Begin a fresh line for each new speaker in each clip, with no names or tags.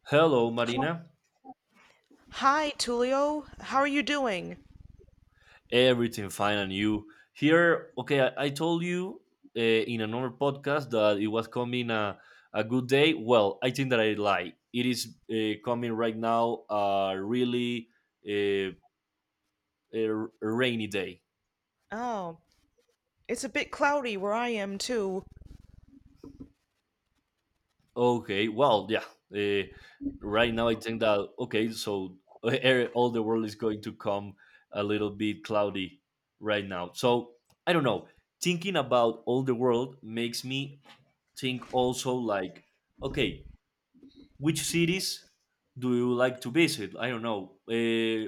Hello,
Hi,
Marina.
hi, Tulio. How are you doing?
Everything fine and you? Here, okay, I told you in another podcast that it was coming a good day. Well, I think that I lie. It is coming right now a really uh, rainy day.
Oh, it's a bit cloudy where I am too.
Okay, well, yeah. Uh, right now, I think that, okay, so all the world is going to come a little bit cloudy right now. So, I don't know. Thinking about all the world makes me think also like okay, which cities do you like to visit? I don't know,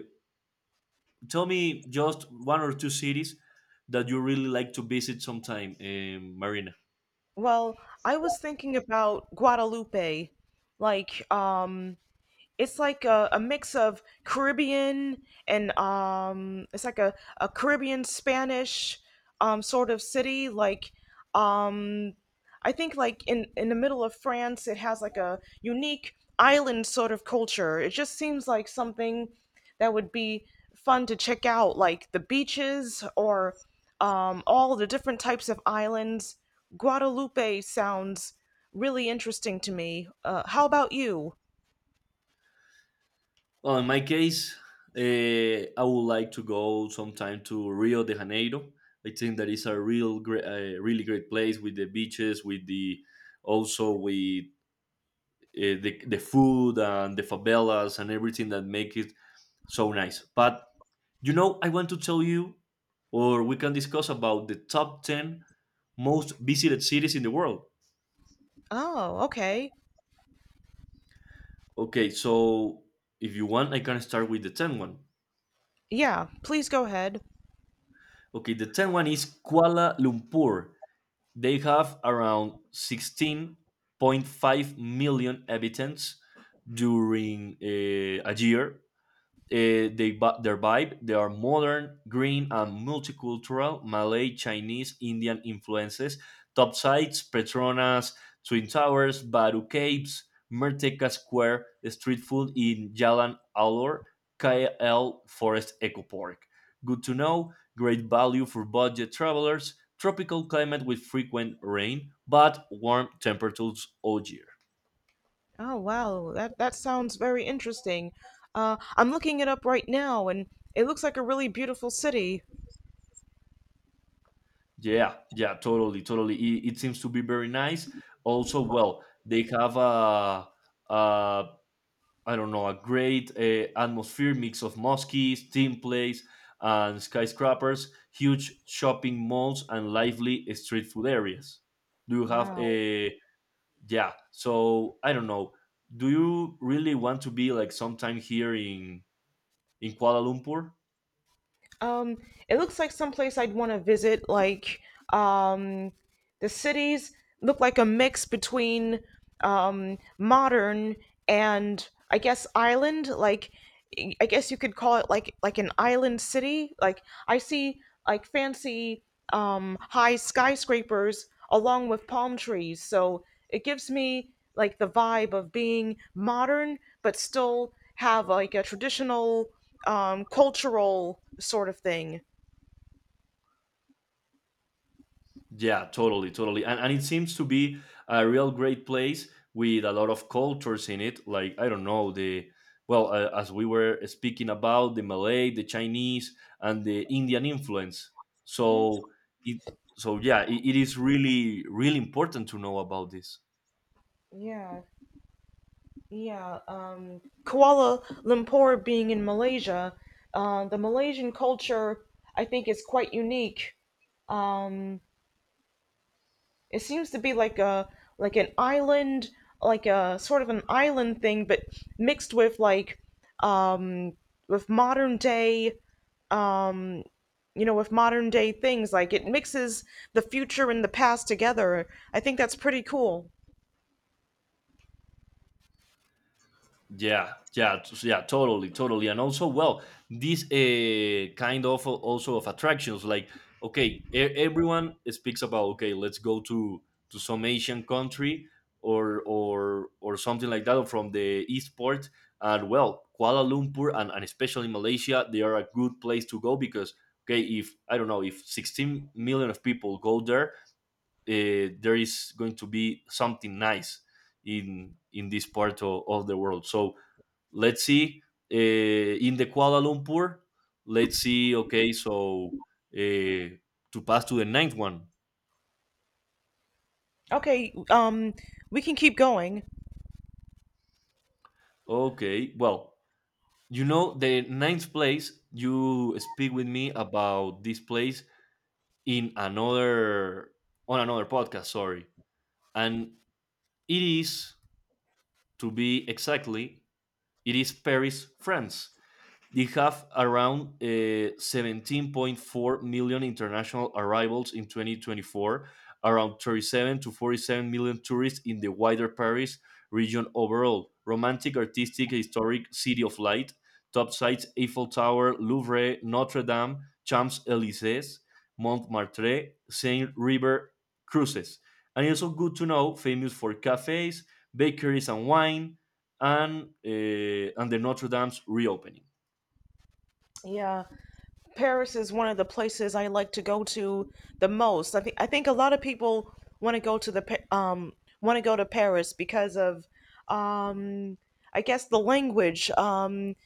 tell me just one or two cities that you really like to visit sometime, Marina.
Well, I was thinking about Guadalupe. Like, it's like a mix of Caribbean and it's like a Caribbean Spanish sort of city. Like, um, I think like in the middle of France, it has like a unique island sort of culture. It just seems like something that would be fun to check out, like the beaches or all the different types of islands. Guadalupe sounds really interesting to me. How about you?
Well, in my case, I would like to go sometime to Rio de Janeiro. I think that is a real great really great place with the beaches, with the also with the food and the favelas and everything that make it so nice. But you know, I want to tell you, or we can discuss about the top 10 most visited cities in the world.
Oh, okay.
Okay, so if you want, I can start with the 10 one.
Yeah, please go ahead.
Okay, the 10 one is Kuala Lumpur. They have around 16.5 million inhabitants during a year. Their vibe, they are modern, green, and multicultural, Malay, Chinese, Indian influences. Top sites: Petronas Twin Towers, Baru Caves, Merdeka Square, street food in Jalan Alor, KL Forest Eco Park. Good to know: great value for budget travelers, tropical climate with frequent rain but warm temperatures all year.
Oh, wow. That sounds very interesting. I'm looking it up right now, and it looks like a really beautiful city.
Yeah, yeah, totally, totally. It seems to be very nice. Also, well, they have a I don't know, a great atmosphere, mix of mosques, team plays, and skyscrapers, huge shopping malls, and lively street food areas. Do you have
Wow.
a yeah? So I don't know. Do you really want to be like sometime here in Kuala Lumpur?
Um, it looks like someplace I'd want to visit, like, um, the cities look like a mix between modern and I guess island. Like, I guess you could call it like an island city. Like, I see like fancy high skyscrapers along with palm trees. So it gives me like the vibe of being modern but still have like a traditional cultural sort of thing.
Yeah, totally, totally. And it seems to be a real great place with a lot of cultures in it. Like, I don't know, the, well, as we were speaking about, the Malay, the Chinese, and the Indian influence.
Hmm.
So, it, so yeah, it is really, really important to know about this.
Yeah, yeah, Kuala Lumpur being in Malaysia, the Malaysian culture I think is quite unique. Um, it seems to be like a like an island, like a sort of an island thing, but mixed with like um, with modern day, um, with modern day things. Like it mixes the future and the past together. I think that's pretty cool.
Yeah, yeah, yeah, totally, totally, and also, well, this kind of also of attractions, like okay, everyone speaks about okay, let's go to some Asian country or something like that, or from the East Port, and well, Kuala Lumpur and especially Malaysia, they are a good place to go because okay, if I don't know, if 16 million of people go there, there is going to be something nice in this part of the world. So let's see uh, in the Kuala Lumpur. Let's see. Okay, so uh, to pass to the ninth one.
Okay, we can keep going.
Okay, well, you know the ninth place. You speak with me about this place in another on another podcast. Sorry, and it is to be exactly. It is Paris, France. They have around 17.4 million international arrivals in 2024, around 37 to 47 million tourists in the wider Paris region overall. Romantic, artistic, historic city of light. Top sites: Eiffel Tower, Louvre, Notre Dame, Champs Elysees, Montmartre, Seine River cruises. And it's also good to know, famous for cafes, bakeries, and wine, and and the Notre Dame's reopening.
Yeah. Paris is one of the places I like to go to the most. I think a lot of people want to go to the want to go to Paris because of um I guess the language.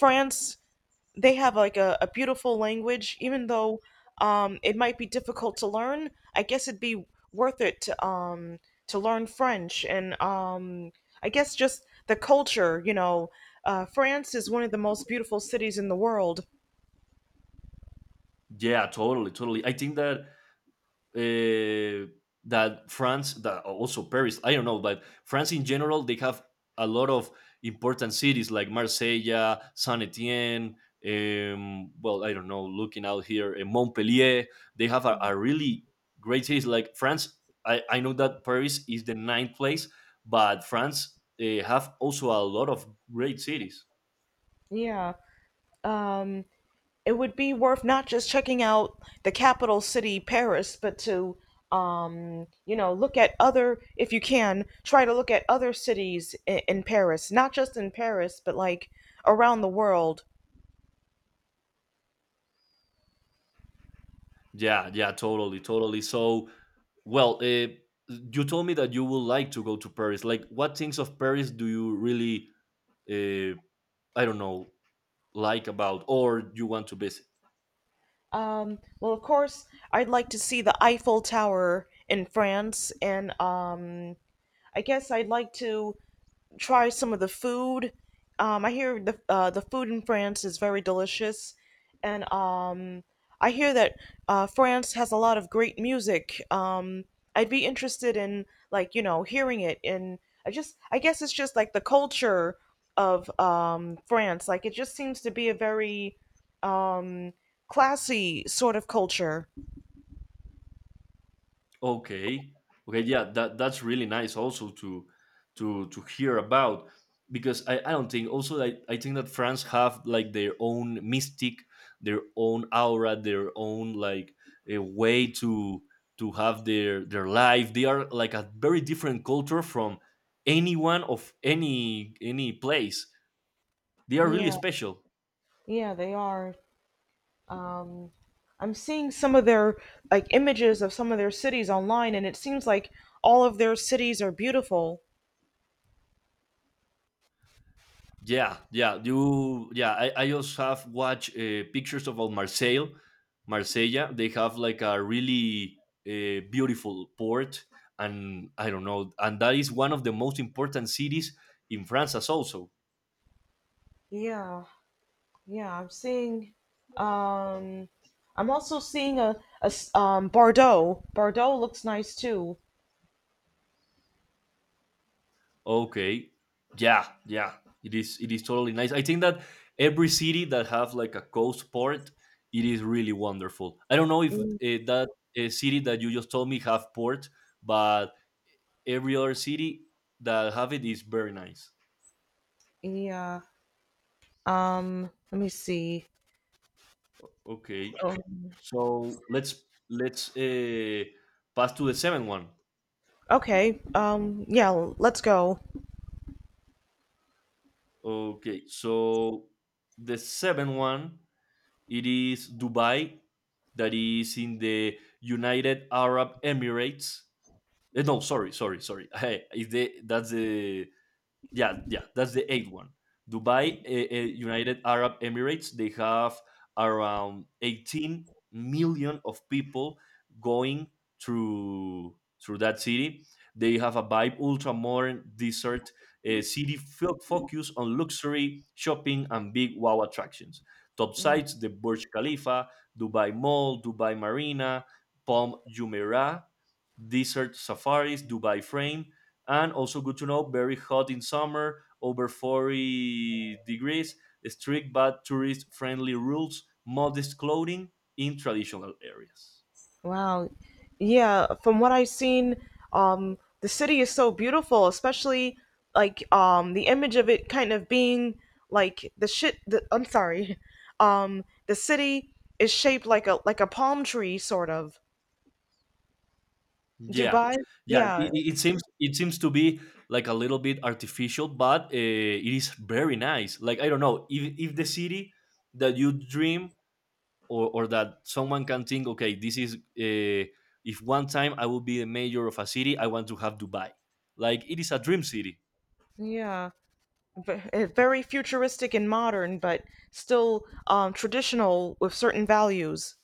France, they have like a beautiful language, even though it might be difficult to learn. I guess it'd be worth it to learn French, and I guess just the culture. You know, France is one of the most beautiful cities in the world.
Yeah, totally, totally. I think that uh, that France, that also Paris, I don't know, but France in general, they have a lot of important cities like Marseille, Saint Etienne. Well, I don't know. Looking out here, Montpellier, they have a really great cities. Like France, I know that Paris is the ninth place, but France have also a lot of great cities.
Yeah. Um, it would be worth not just checking out the capital city Paris, but to look at other, if you can try to look at other cities in Paris, not just in Paris, but like around the world.
Yeah, yeah, totally, totally. So well, you told me that you would like to go to Paris. Like, what things of Paris do you really, uh, I don't know, like about or you want to visit?
Well, of course, I'd like to see the Eiffel Tower in France, and I guess I'd like to try some of the food. I hear the food in France is very delicious, and I hear that France has a lot of great music. I'd be interested in like hearing it, and I guess it's just like the culture of France. Like, it just seems to be a very um, classy sort of culture.
Okay. Okay. Yeah. That that's really nice. Also to hear about, because I don't think also I think that France have like their own mystic, their own aura, their own like a way to have their life. They are like a very different culture from anyone of any place. They are really
Yeah,
special.
yeah, they are. Um, I'm seeing some of their like images of some of their cities online, and it seems like all of their cities are beautiful.
Yeah, yeah, you, yeah. I also have watched pictures of Marseille, Marsella. They have like a really beautiful port, and I don't know, and that is one of the most important cities in France, as also.
Yeah, yeah. I'm seeing. Um, I'm also seeing a Bordeaux. Bordeaux looks nice too.
Okay, yeah, yeah. It is totally nice. I think that every city that have like a coast port, it is really wonderful. I don't know if
Mm.
that city that you just told me have port, but every other city that have it is very nice.
Yeah. Let me see.
Okay,
Um,
so let's pass to the seventh one.
okay. Yeah. Let's go.
Okay, so the seventh one it is Dubai, that is in the United Arab Emirates. Eh, no, sorry, sorry, sorry. Is the that's the yeah, yeah, that's the eighth one. Dubai, United Arab Emirates, they have around 18 million of people going through through that city. They have a vibe, ultra modern desert city focus on luxury shopping and big wow attractions. Top
Yeah.
sites: the Burj Khalifa, Dubai Mall, Dubai Marina, Palm Jumeirah, Desert Safaris, Dubai Frame, and also good to know: very hot in summer, over 40 degrees, strict but tourist friendly rules, modest clothing in traditional areas.
Wow. Yeah, from what I've seen, the city is so beautiful, especially like the image of it kind of being like the shit the, I'm sorry. The city is shaped like a palm tree sort of.
Yeah,
Dubai?
yeah,
Yeah.
it it seems to be like a little bit artificial, but it is very nice. Like I don't know if the city that you dream or that someone can think okay, this is if one time I will be the mayor of a city, I want to have Dubai. Like it is a dream city.
Yeah. Very futuristic and modern, but still traditional with certain values.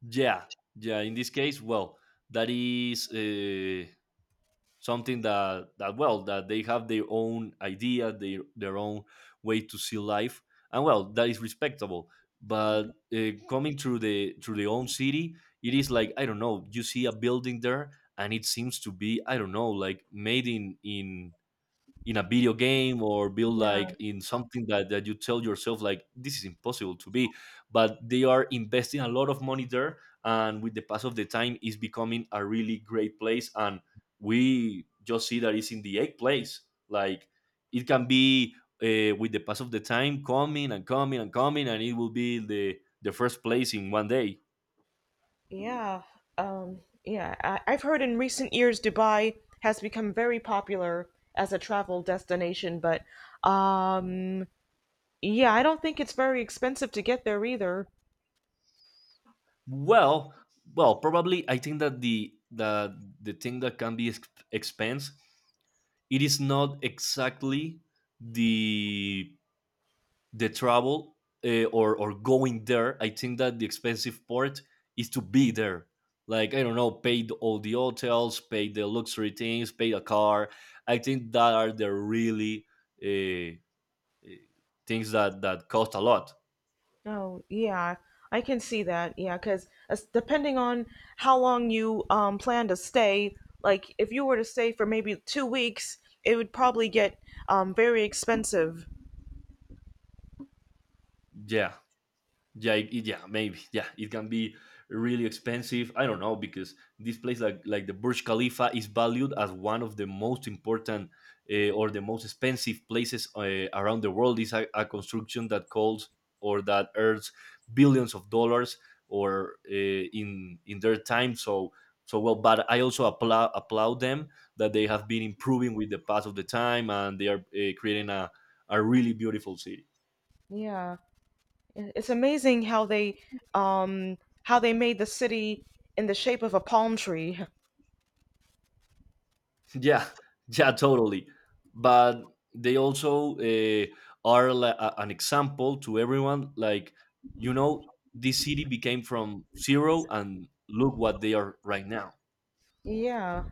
Yeah, yeah. In this case, well, that is something that that well that they have their own idea, their own way to see life, and well, that is respectable. But coming through the own city, it is like I don't know. You see a building there, and it seems to be I don't know, like made in a video game or build
Yeah.
like in something that, that you tell yourself like this is impossible to be, but they are investing a lot of money there, and with the pass of the time is becoming a really great place, and we just see that it's in the eighth place. Like it can be with the pass of the time coming and coming and coming, and it will be the first place in one day.
Yeah, yeah. I've heard in recent years Dubai has become very popular as a travel destination, but um, yeah, I don't think it's very expensive to get there either.
Well, well, probably I think that the thing that can be expense it is not exactly the the travel, or going there. I think that the expensive part is to be there. Like I don't know, pay the, all the hotels, pay the luxury things, pay a car. I think that are the really uh, uh, things that that cost a lot.
Oh, yeah, I can see that. Yeah, because depending on how long you plan to stay, like if you were to stay for maybe 2 weeks, it would probably get very expensive.
Yeah. Yeah, yeah maybe, yeah, it can be really expensive. I don't know, because this place, like the Burj Khalifa is valued as one of the most important or the most expensive places around the world. Is a construction that calls or that earns billions of dollars or in their time. So so well, but I also applaud them that they have been improving with the pass of the time, and they are creating a really beautiful city.
Yeah. It's amazing how um they made the city in the shape of a palm tree.
Yeah, yeah, totally. But they also are an example to everyone. Like, you know, this city became from zero, and look what they are right now.
Yeah,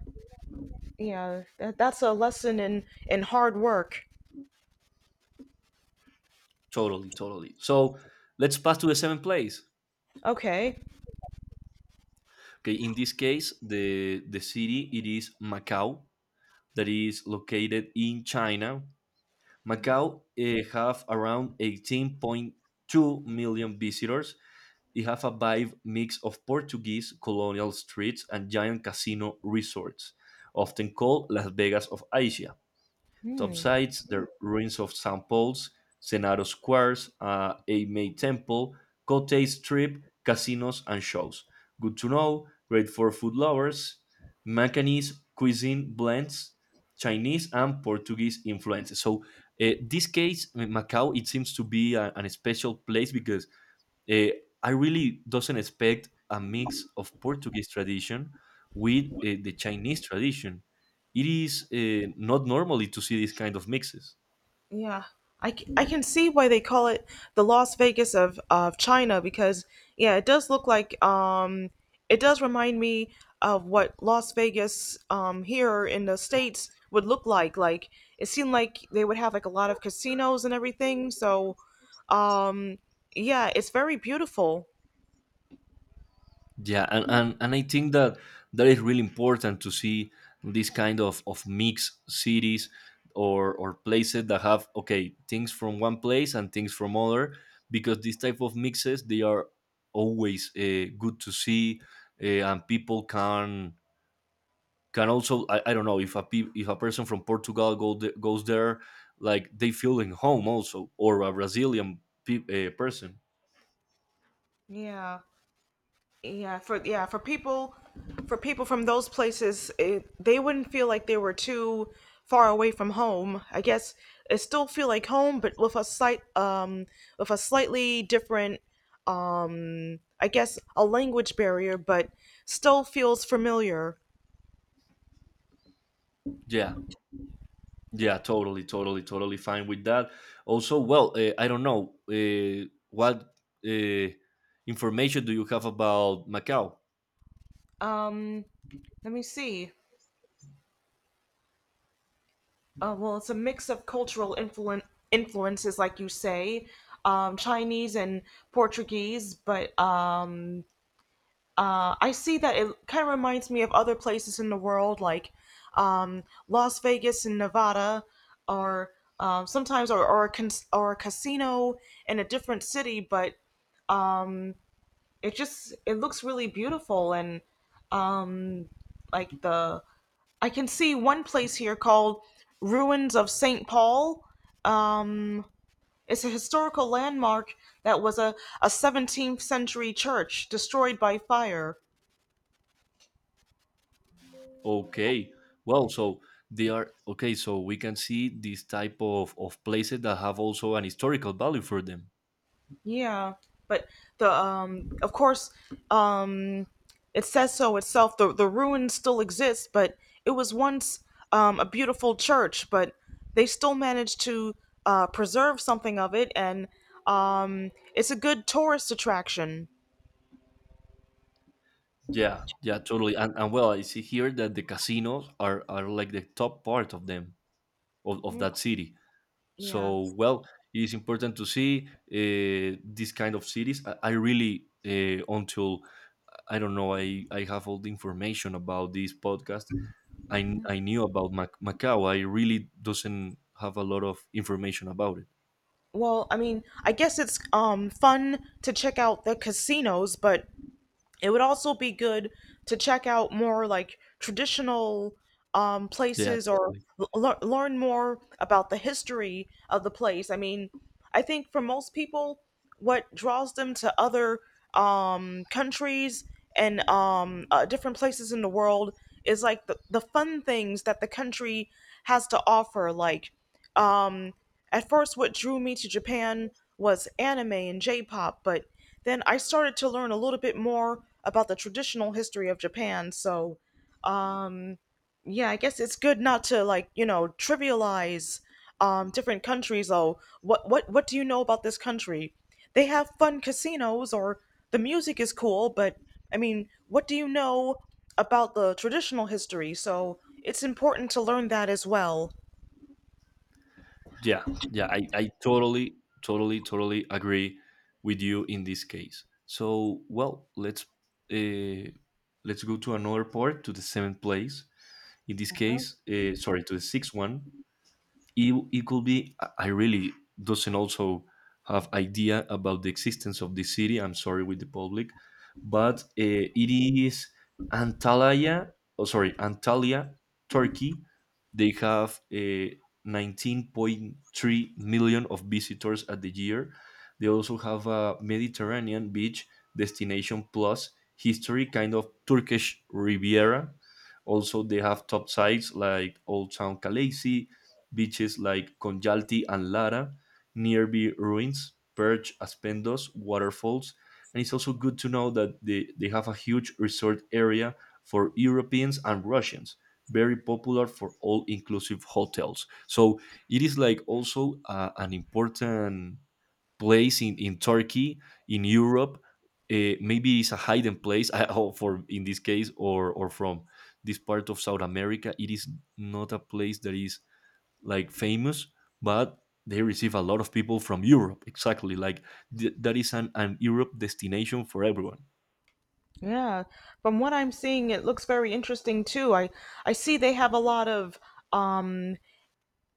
yeah, that's a lesson in hard work.
Totally, totally. So let's pass to the seventh place.
Okay.
Okay, in this case, the city it is Macau, that is located in China. Macau have around 18.2 million visitors. It has a vibe mix of Portuguese colonial streets and giant casino resorts, often called Las Vegas of Asia.
Hmm.
Topsides, the ruins of St. Paul's, Senado Squares, a May Temple, Cote Strip, casinos and shows. Good to know, great for food lovers. Macanese cuisine blends Chinese and Portuguese influences. So this case, Macau, it seems to be an special place because Eh, I really doesn't expect a mix of Portuguese tradition with the Chinese tradition. It is not normally to see these kind of mixes.
Yeah, I can see why they call it the Las Vegas of China because yeah, it does look like it does remind me of what Las Vegas here in the States would look like. Like, it seemed like they would have like a lot of casinos and everything. So um yeah, it's very beautiful.
Yeah, and I think that that is really important to see this kind of mixed cities or places that have, okay, things from one place and things from other, because these type of mixes, they are always good to see and people can also I don't know if a person from Portugal goes there like they feel in home also or a Brazilian person.
Yeah. Yeah, for people from those places, it, they wouldn't feel like they were too far away from home. I guess it still feel like home, but with a slight with a slightly different I guess a language barrier, but still feels familiar.
Yeah, yeah, totally, totally, totally fine with that. Also, well, I don't know what uh, information do you have about Macau?
Um Let me see. Well, it's a mix of cultural influences, like you say, Chinese and Portuguese, but I see that it kind of reminds me of other places in the world, like, Las Vegas in Nevada, or sometimes or a casino in a different city. But it looks really beautiful, and like the I can see one place here called Ruins of Saint Paul. Um, it's a historical landmark that was a 17th century church destroyed by fire.
Okay, well, so they are. Okay, so we can see this type of places that have also an historical value for them.
Yeah, but the of course, um, it says so itself. The ruins still exist, but it was once a beautiful church. But they still managed to preserve something of it, and it's a good tourist attraction.
Yeah, yeah, totally. And well, I see here that the casinos are like the top part of them, of that city.
Yeah.
So, well, it is important to see these kind of cities. I really, until I don't know, I have all the information about this podcast. I knew about Macau. I really doesn't have a lot of information about it.
Well, I mean, I guess it's fun to check out the casinos, but it would also be good to check out more like traditional
Yeah,
places or
totally.
learn more about the history of the place. I mean, I think for most people, what draws them to other countries and different places in the world is like the fun things that the country has to offer, like, um, at first, what drew me to Japan was anime and J pop, but then I started to learn a little bit more about the traditional history of Japan, so um yeah, I guess it's good not to, like, trivialize different countries. Oh, what do you know about this country? They have fun casinos, or the music is cool, but I mean, what do you know about the traditional history? So it's important to learn that as well.
Yeah, yeah, I totally, totally, totally agree with you in this case. So, well, let's uh, go to another part to the seventh place. In this case, sorry, to the sixth one. It could be, I really doesn't also have idea about the existence of this city. I'm sorry with the public, but it is Antalya. Oh, sorry, Antalya, Turkey. They have 19.3 million of visitors at the year. They also have a Mediterranean beach destination plus history, kind of Turkish Riviera. Also, they have top sites like Old Town Calais, beaches like Konjalti and Lara, nearby ruins, Perch, Aspendos, waterfalls. And it's also good to know that they have a huge resort area for Europeans and Russians, very popular for all inclusive hotels. So it is like also an important place in Turkey, in Europe. Maybe it's a hidden place I hope for in this case or from this part of South America. It is not a place that is like famous, but they receive a lot of people from Europe. Exactly, like that is an Europe destination for everyone.
Yeah, from what I'm seeing, it looks very interesting too. I see they have a lot of um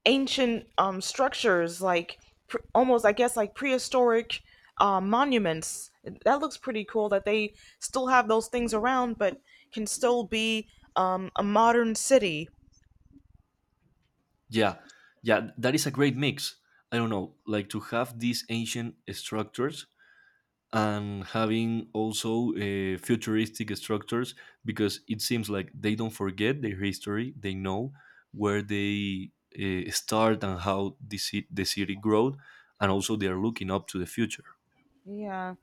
ancient structures like pr almost I guess like prehistoric monuments. That looks pretty cool that they still have those things around but can still be a modern city.
Yeah, yeah, that is a great mix. I don't know, like to have these ancient structures and having also futuristic structures because it seems like they don't forget their history. They know where they start and how the city grew, and also they are looking up to the future.
Yeah.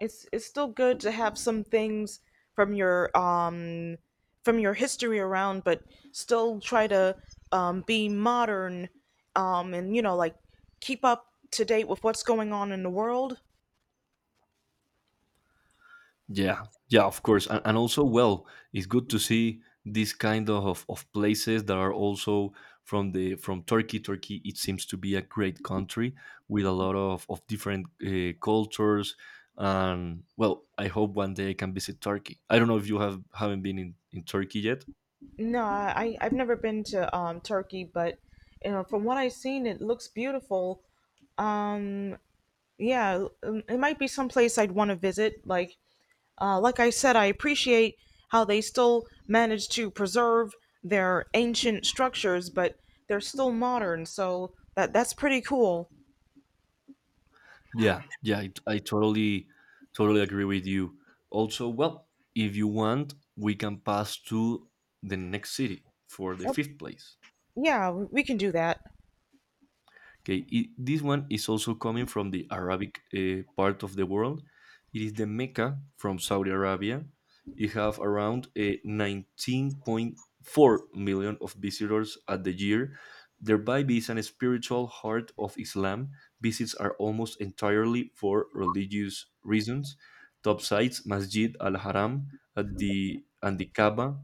It's still good to have some things from your history around, but still try to be modern, and like keep up to date with what's going on in the world.
Yeah, yeah, of course, and also, well, it's good to see these kind of places that are also from the from Turkey. Turkey, it seems to be a great country with a lot of different cultures, and well, I hope one day I can visit Turkey. I don't know if you haven't been in Turkey yet.
No, I've never been to turkey, but from what I've seen, it looks beautiful. um yeah, it might be someplace I'd want to visit, like, uh, like I said, I appreciate how they still manage to preserve their ancient structures, but they're still modern. So that's pretty cool.
Yeah, yeah, I totally, totally agree with you. Also, well, if you want, we can pass to the next city for the
Oh,
fifth place.
yeah, we can do that.
Okay, this one is also coming from the Arabic part of the world. It is the Mecca from Saudi Arabia. It have around 19.4 million of visitors at the year. Thereby being a spiritual heart of Islam, visits are almost entirely for religious reasons. Top sites, Masjid al-Haram and the Kaaba,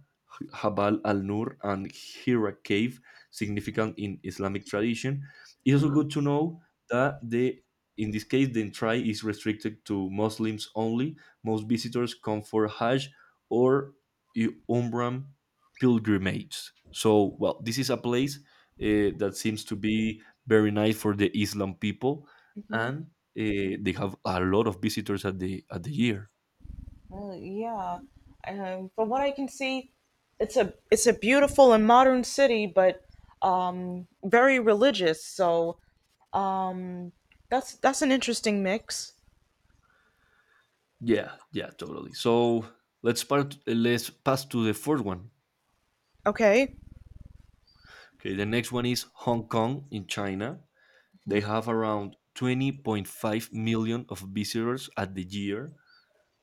Habal al-Nur and Hira cave, significant in Islamic tradition. It's also good to know that the in this case, the entry is restricted to Muslims only. Most visitors come for hajj or umrah pilgrimage. So, well, this is a place that seems to be very nice for the Islam people, and they have a lot of visitors at the year.
Yeah, from what I can see, it's a beautiful and modern city, but very religious. So um, that's an interesting mix.
Yeah, yeah, totally. So, let's pass to the fourth one.
Okay.
Okay, the next one is Hong Kong in China. They have around 20.5 million of visitors at the year.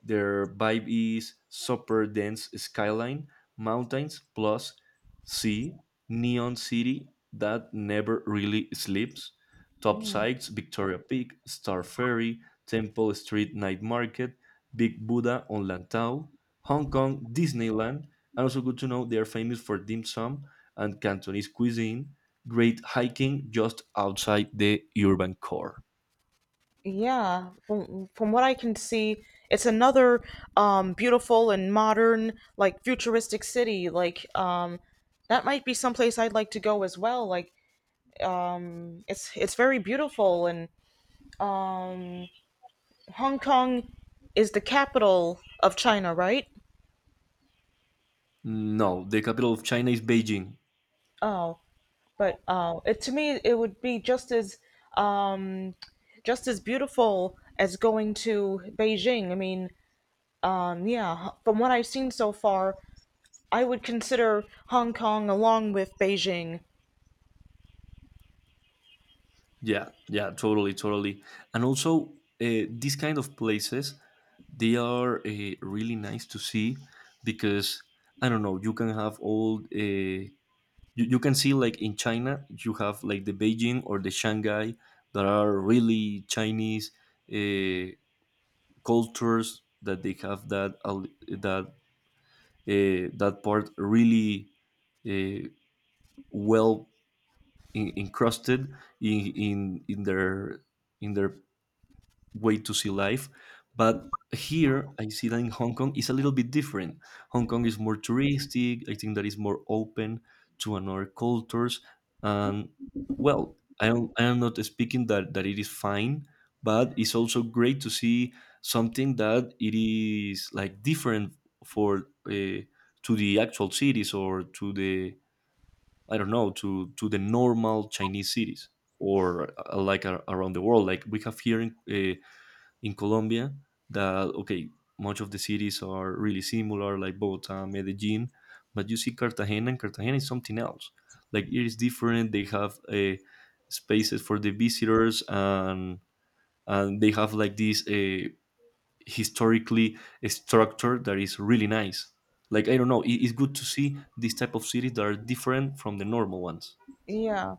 Their vibe is super dense skyline, mountains plus sea, neon city that never really sleeps. Top sites, Victoria Peak, Star Ferry, Temple Street Night Market, Big Buddha on Lantau, Hong Kong Disneyland, and also good to know they are famous for dim sum and Cantonese cuisine. Great hiking just outside the urban core.
Yeah, from what I can see, it's another beautiful and modern, like futuristic city. Like, that might be someplace I'd like to go as well. Like, it's very beautiful, and Hong Kong is the capital of China, right?
No, the capital of China is Beijing.
Oh, but it, to me, it would be um, just as beautiful as going to Beijing. I mean, yeah, from what I've seen so far, I would consider Hong Kong along with Beijing.
Yeah, yeah, totally, totally. And also, these kind of places, they are really nice to see because I don't know, you can have you, you can see like in China, you have like the Beijing or the Shanghai that are really Chinese uh, cultures that they have that al- that that part really uh, well encrusted in in in their in their way to see life. But here, I see that in Hong Kong is a little bit different. Hong Kong is more touristic. I think that is more open to another cultures. And well, I am not speaking that it is fine, but it's also great to see something that it is like different for to the actual cities or to the, I don't know, to the normal Chinese cities or like around the world. Like we have here in Colombia that okay, much of the cities are really similar, like Bogota, Medellin, but you see Cartagena, and Cartagena is something else. Like it is different. They have spaces for the visitors, and they have like these historically a structure that is really nice. Like I don't know, it's good to see this type of cities that are different from the normal ones.
Yeah.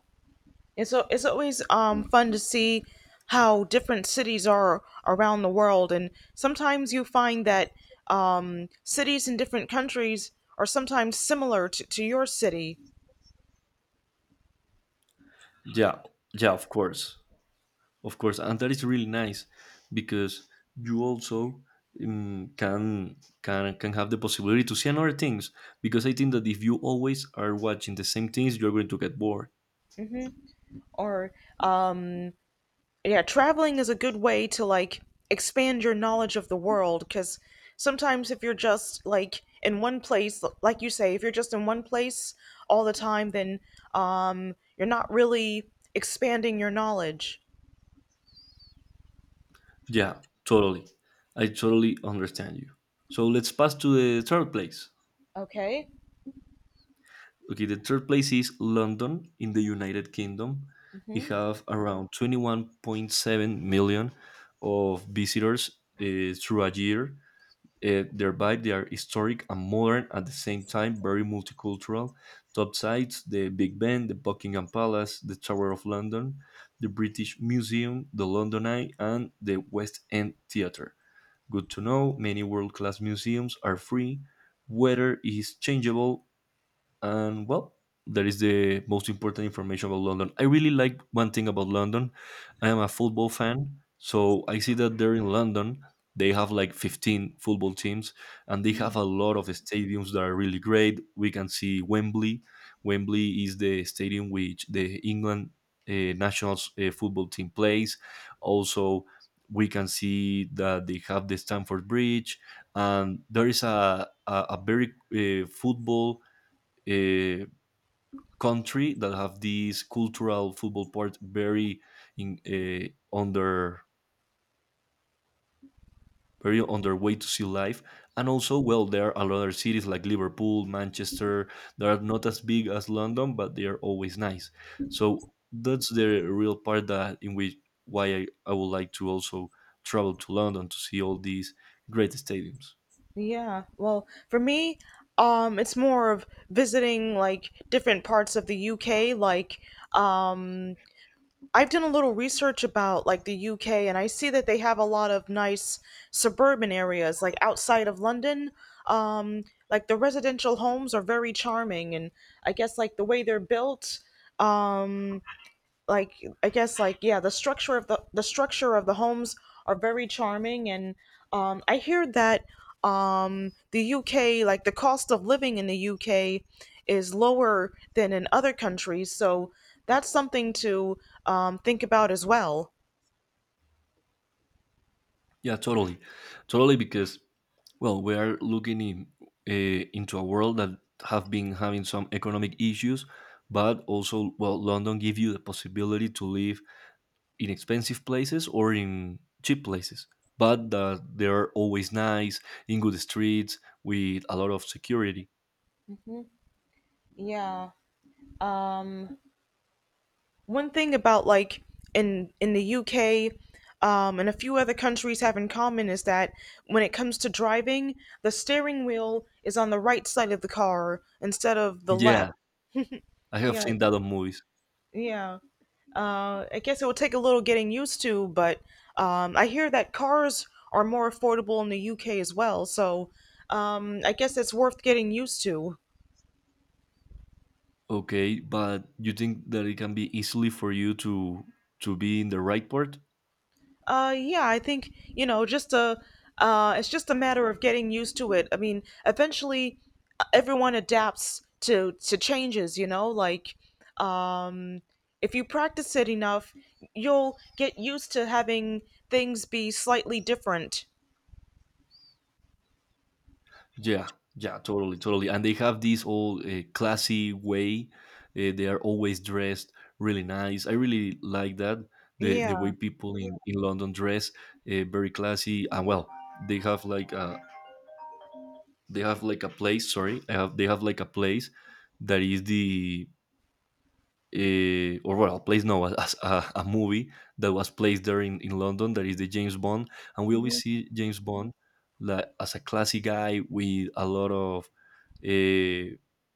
It's always fun to see how different cities are around the world, and sometimes you find that cities in different countries are sometimes similar to your city.
Yeah, yeah, of course, and that is really nice because you also can have the possibility to see another things. Because I think that if you always are watching the same things, you're going to get bored.
Or, um yeah, traveling is a good way to like expand your knowledge of the world, because sometimes if you're just like in one place, like you say, if you're just in one place all the time, then you're not really expanding your knowledge.
Yeah, totally. I totally understand you. So let's pass to the third place.
Okay.
Okay, the third place is London in the United Kingdom. It
Hmm.
have around 21.7 million of visitors through a year. Thereby, they are historic and modern at the same time, very multicultural. Top sites, the Big Ben, the Buckingham Palace, the Tower of London, the British Museum, the London Eye, and the West End Theatre. Good to know many world-class museums are free, weather is changeable, and well that is the most important information about London. I really like one thing about London. I am a football fan, so I see that there in London they have like 15 football teams, and they have a lot of stadiums that are really great. We can see Wembley. Wembley is the stadium which the England national football team plays. Also, we can see that they have the Stamford Bridge, and there is a very football uh, country that have this cultural football part very in on their very on their way to see life. And also, well, there are a lot of cities like Liverpool, Manchester that are not as big as London, but they are always nice. So that's the real part that in which why I would like to also travel to London to see all these great stadiums.
Yeah. Well, for me, it's more of visiting like different parts of the UK, like, um, I've done a little research about like the UK and I see that they have a lot of nice suburban areas like outside of London. Um, like the residential homes are very charming, and I guess like the way they're built, um, like I guess like yeah, the structure of the structure of the homes are very charming, and I hear that the UK, like the cost of living in the UK is lower than in other countries, so that's something to, think about as well.
Yeah, totally, totally, because well, we are looking into a world that have been having some economic issues, but also, well, London give you the possibility to live in expensive places or in cheap places, but that they are always nice, in good streets, with a lot of security.
Mhm. Yeah. Um, One thing about, like, in the UK and a few other countries have in common is that when it comes to driving, the steering wheel is on the right side of the car instead of the left.
Yeah, I have
Yeah,
seen that on movies.
yeah. I guess it will take a little getting used to, but I hear that cars are more affordable in the UK as well, so I guess it's worth getting used to.
Okay, but you think that it can be easily for you to be in the right part?
Yeah, I think, you know, it's just a matter of getting used to it. I mean, eventually everyone adapts to changes, you know, like um if you practice it enough, you'll get used to having things be slightly different.
Yeah, yeah, totally, totally. And they have this all classy way. They are always dressed really nice. I really like that. The way
Yeah.
people in London dress, very classy. And well, they have like a place. Sorry, they have like a place that is the or well, place no, as a movie that was placed there in London. That is the James Bond, and we always
Hmm.
see James Bond like, as a classy guy with a lot of, uh,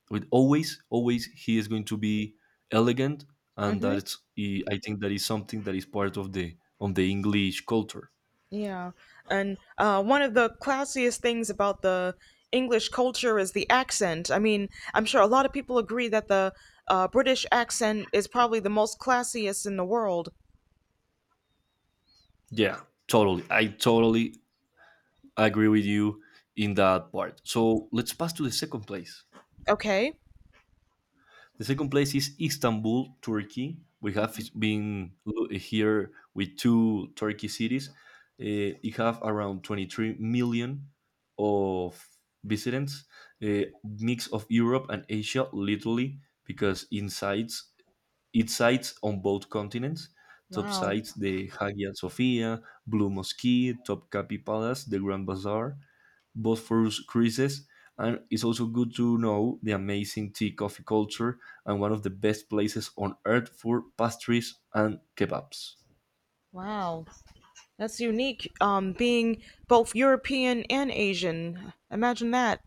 with always, always he is going to be elegant. And
Hmm.
that's, I think that is something that is part of the English culture.
Yeah, and one of the classiest things about the English culture is the accent. I mean, I'm sure a lot of people agree that the British accent is probably the most classiest in the world.
Yeah, totally. I totally agree with you in that part. So let's pass to the second place.
Okay.
The second place is Istanbul, Turkey. We have been here with two Turkey cities. It have around 23 million of visitors, a mix of Europe and Asia, literally, because inside it sites on both continents. Top
Wow.
sites, the Hagia Sophia, Blue Mosque, Topkapi Palace, the Grand Bazaar, both for cruises, and it's also good to know the amazing tea coffee culture and one of the best places on earth for pastries and kebabs.
Wow. That's unique, being both European and Asian. Imagine that.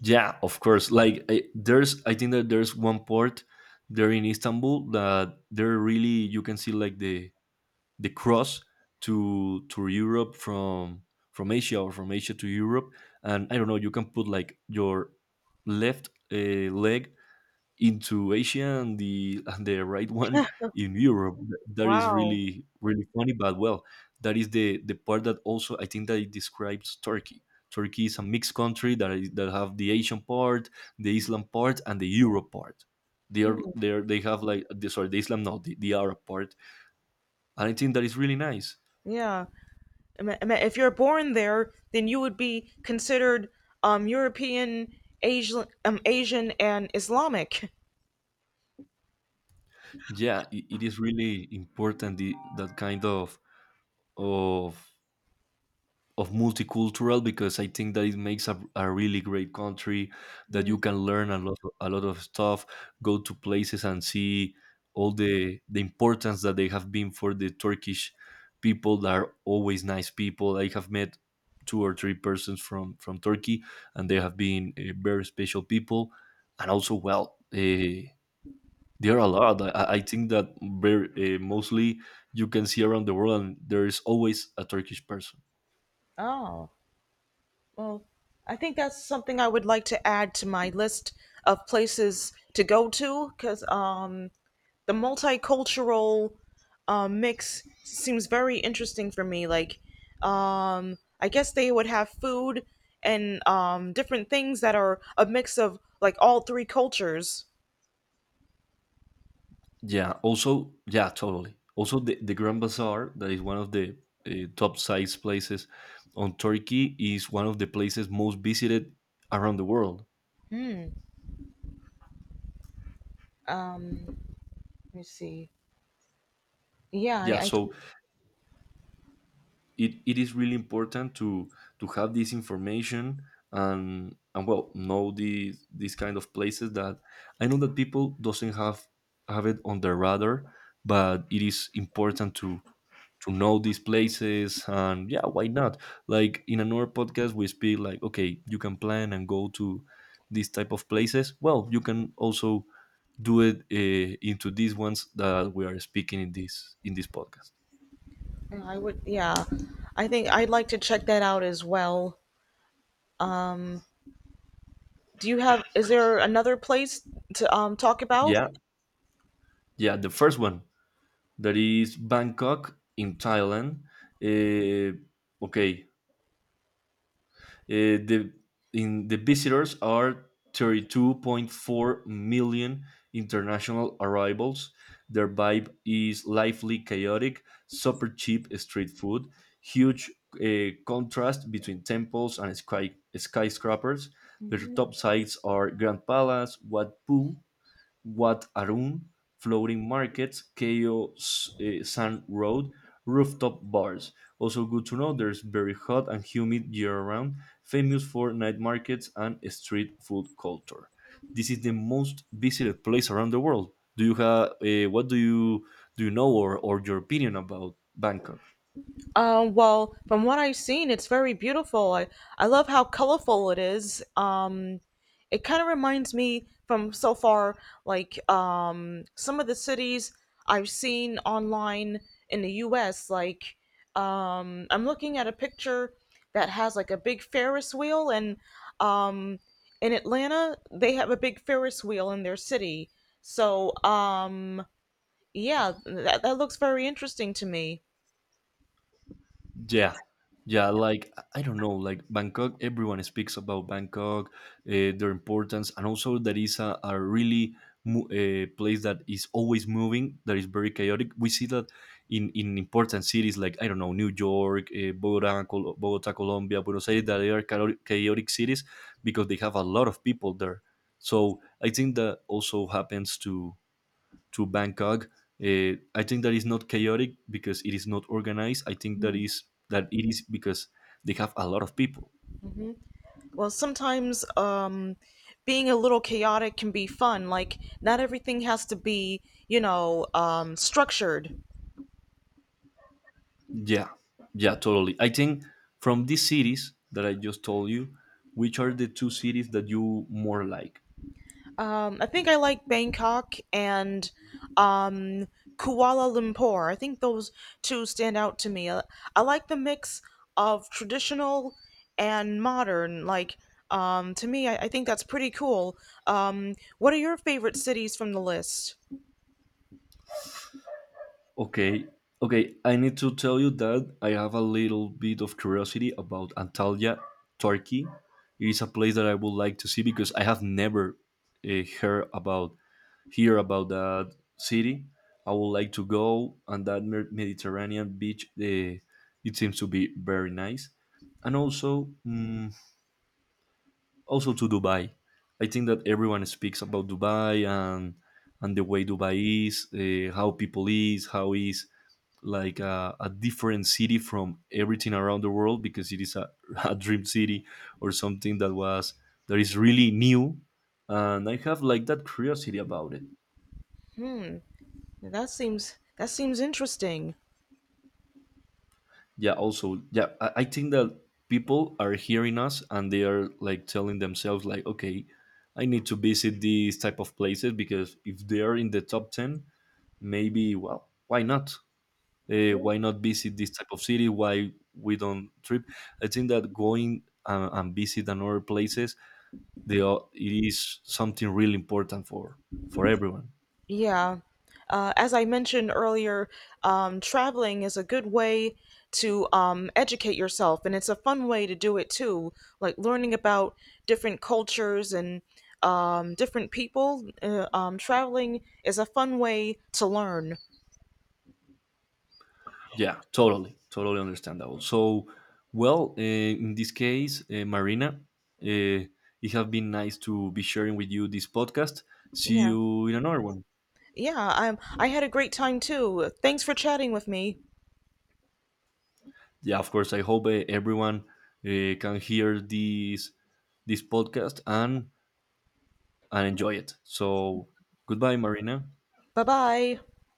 Yeah, of course. I think that there's one port there in Istanbul that there really you can see like the cross to Europe from Asia or from Asia to Europe, and I don't know, you can put like your left leg into Asia and the right one in Europe. That is
Wow.
really really funny, but well, that is the part that also I think that it describes Turkey. Turkey is a mixed country that have the Asian part, the Islam part, and the Europe part.
Hmm.
They have like the, sorry the Islam no the Arab part, and I think that is really nice.
Yeah. If you're born there, then you would be considered European, Asian, and Islamic.
Yeah, it is really important that kind of of multicultural because I think that it makes a really great country that
Yeah.
you can learn a lot of stuff, go to places and see all the importance that they have been for the Turkish people that are always nice people. I have met two or three persons from Turkey and they have been very special people and also well there are a lot. I think that very, mostly you can see around the world, and there is always a Turkish person.
Oh, well, I think that's something I would like to add to my list of places to go to, because the multicultural mix seems very interesting for me. Like, I guess they would have food and different things that are a mix of like all three cultures.
Yeah. Also, yeah, totally. Also, the Grand Bazaar, that is one of the top size places on Turkey, is one of the places most visited around the world.
Um, let me see. Yeah,
Yeah. So it is really important to have this information and well know these kind of places that I know that people doesn't have it on their radar, but it is important to know these places. And yeah, why not? Like in another podcast we speak, like, okay, you can plan and go to these type of places. Well, you can also do it into these ones that we are speaking in this podcast.
I would. Yeah, I think I'd like to check that out as well. Do you have? Is there another place to talk about?
Yeah, yeah, the first one, that is Bangkok in Thailand. uh, okay. The in the visitors are 32.4 million international arrivals. Their vibe is lively, chaotic, super cheap street food, huge contrast between temples and sky, skyscrapers. Their
Mhm.
top sites are Grand Palace, Wat Pu, Wat Arun, Floating Markets, KO Sun Road, Rooftop Bars. Also good to know, there's very hot and humid year-round, famous for night markets and street food culture. This is the most visited place around the world. Do you have what do you know, or your opinion about Bangkok?
Well, from what I've seen, it's very beautiful. I love how colorful it is. It kind of reminds me, from so far, like some of the cities I've seen online in the U.S. Like I'm looking at a picture that has like a big Ferris wheel, and um, in Atlanta they have a big Ferris wheel in their city. So yeah, that looks very interesting to me.
Yeah, yeah, like I don't know, like Bangkok, everyone speaks about Bangkok, their importance, and also that is a really a place that is always moving, that is very chaotic. We see that in important cities like, I don't know, New York, Bogota, Colombia, Buenos Aires, that they are chaotic, chaotic cities because they have a lot of people there. So I think that also happens to Bangkok. I think that is not chaotic because it is not organized. I think that
Mm.
is that it is because they have a lot of people.
Hmm. Well, sometimes, being a little chaotic can be fun. Like, not everything has to be, you know, structured.
Yeah, yeah, totally. I think from these cities that I just told you, which are the two cities that you more like?
I think I like Bangkok and um, Kuala Lumpur. I think those two stand out to me. I like the mix of traditional and modern. Like, to me, I think that's pretty cool. What are your favorite cities from the list?
Okay, okay. I need to tell you that I have a little bit of curiosity about Antalya, Turkey. It is a place that I would like to see because I have never uh, heard about hear about that city. I would like to go and that Mediterranean beach. Eh, it seems to be very nice, and also also to Dubai. I think that everyone speaks about Dubai and the way Dubai is, eh, how people is, how is like a different city from everything around the world because it is a, a dream city or something that was that is really new, and I have like that curiosity about it.
That seems, that seems interesting.
Yeah, also, yeah, I think that people are hearing us and they are like telling themselves like, okay, I need to visit these type of places because if they're in the top 10 maybe, well, why not? Why not visit this type of city? Why we don't trip? I think that going and visit another places, they are, it is something really important for everyone.
Yeah. As I mentioned earlier, traveling is a good way to, educate yourself, and it's a fun way to do it too. Like learning about different cultures and different people. Traveling is a fun way to learn.
Yeah, totally, totally understandable. So, well, in this case, Marina, uh, it has been nice to be sharing with you this podcast. See
Yeah.
you in another one.
Yeah. I had a great time too. Thanks for chatting with me.
Yeah, of course. I hope everyone can hear this podcast and enjoy it. So, goodbye, Marina.
Bye bye.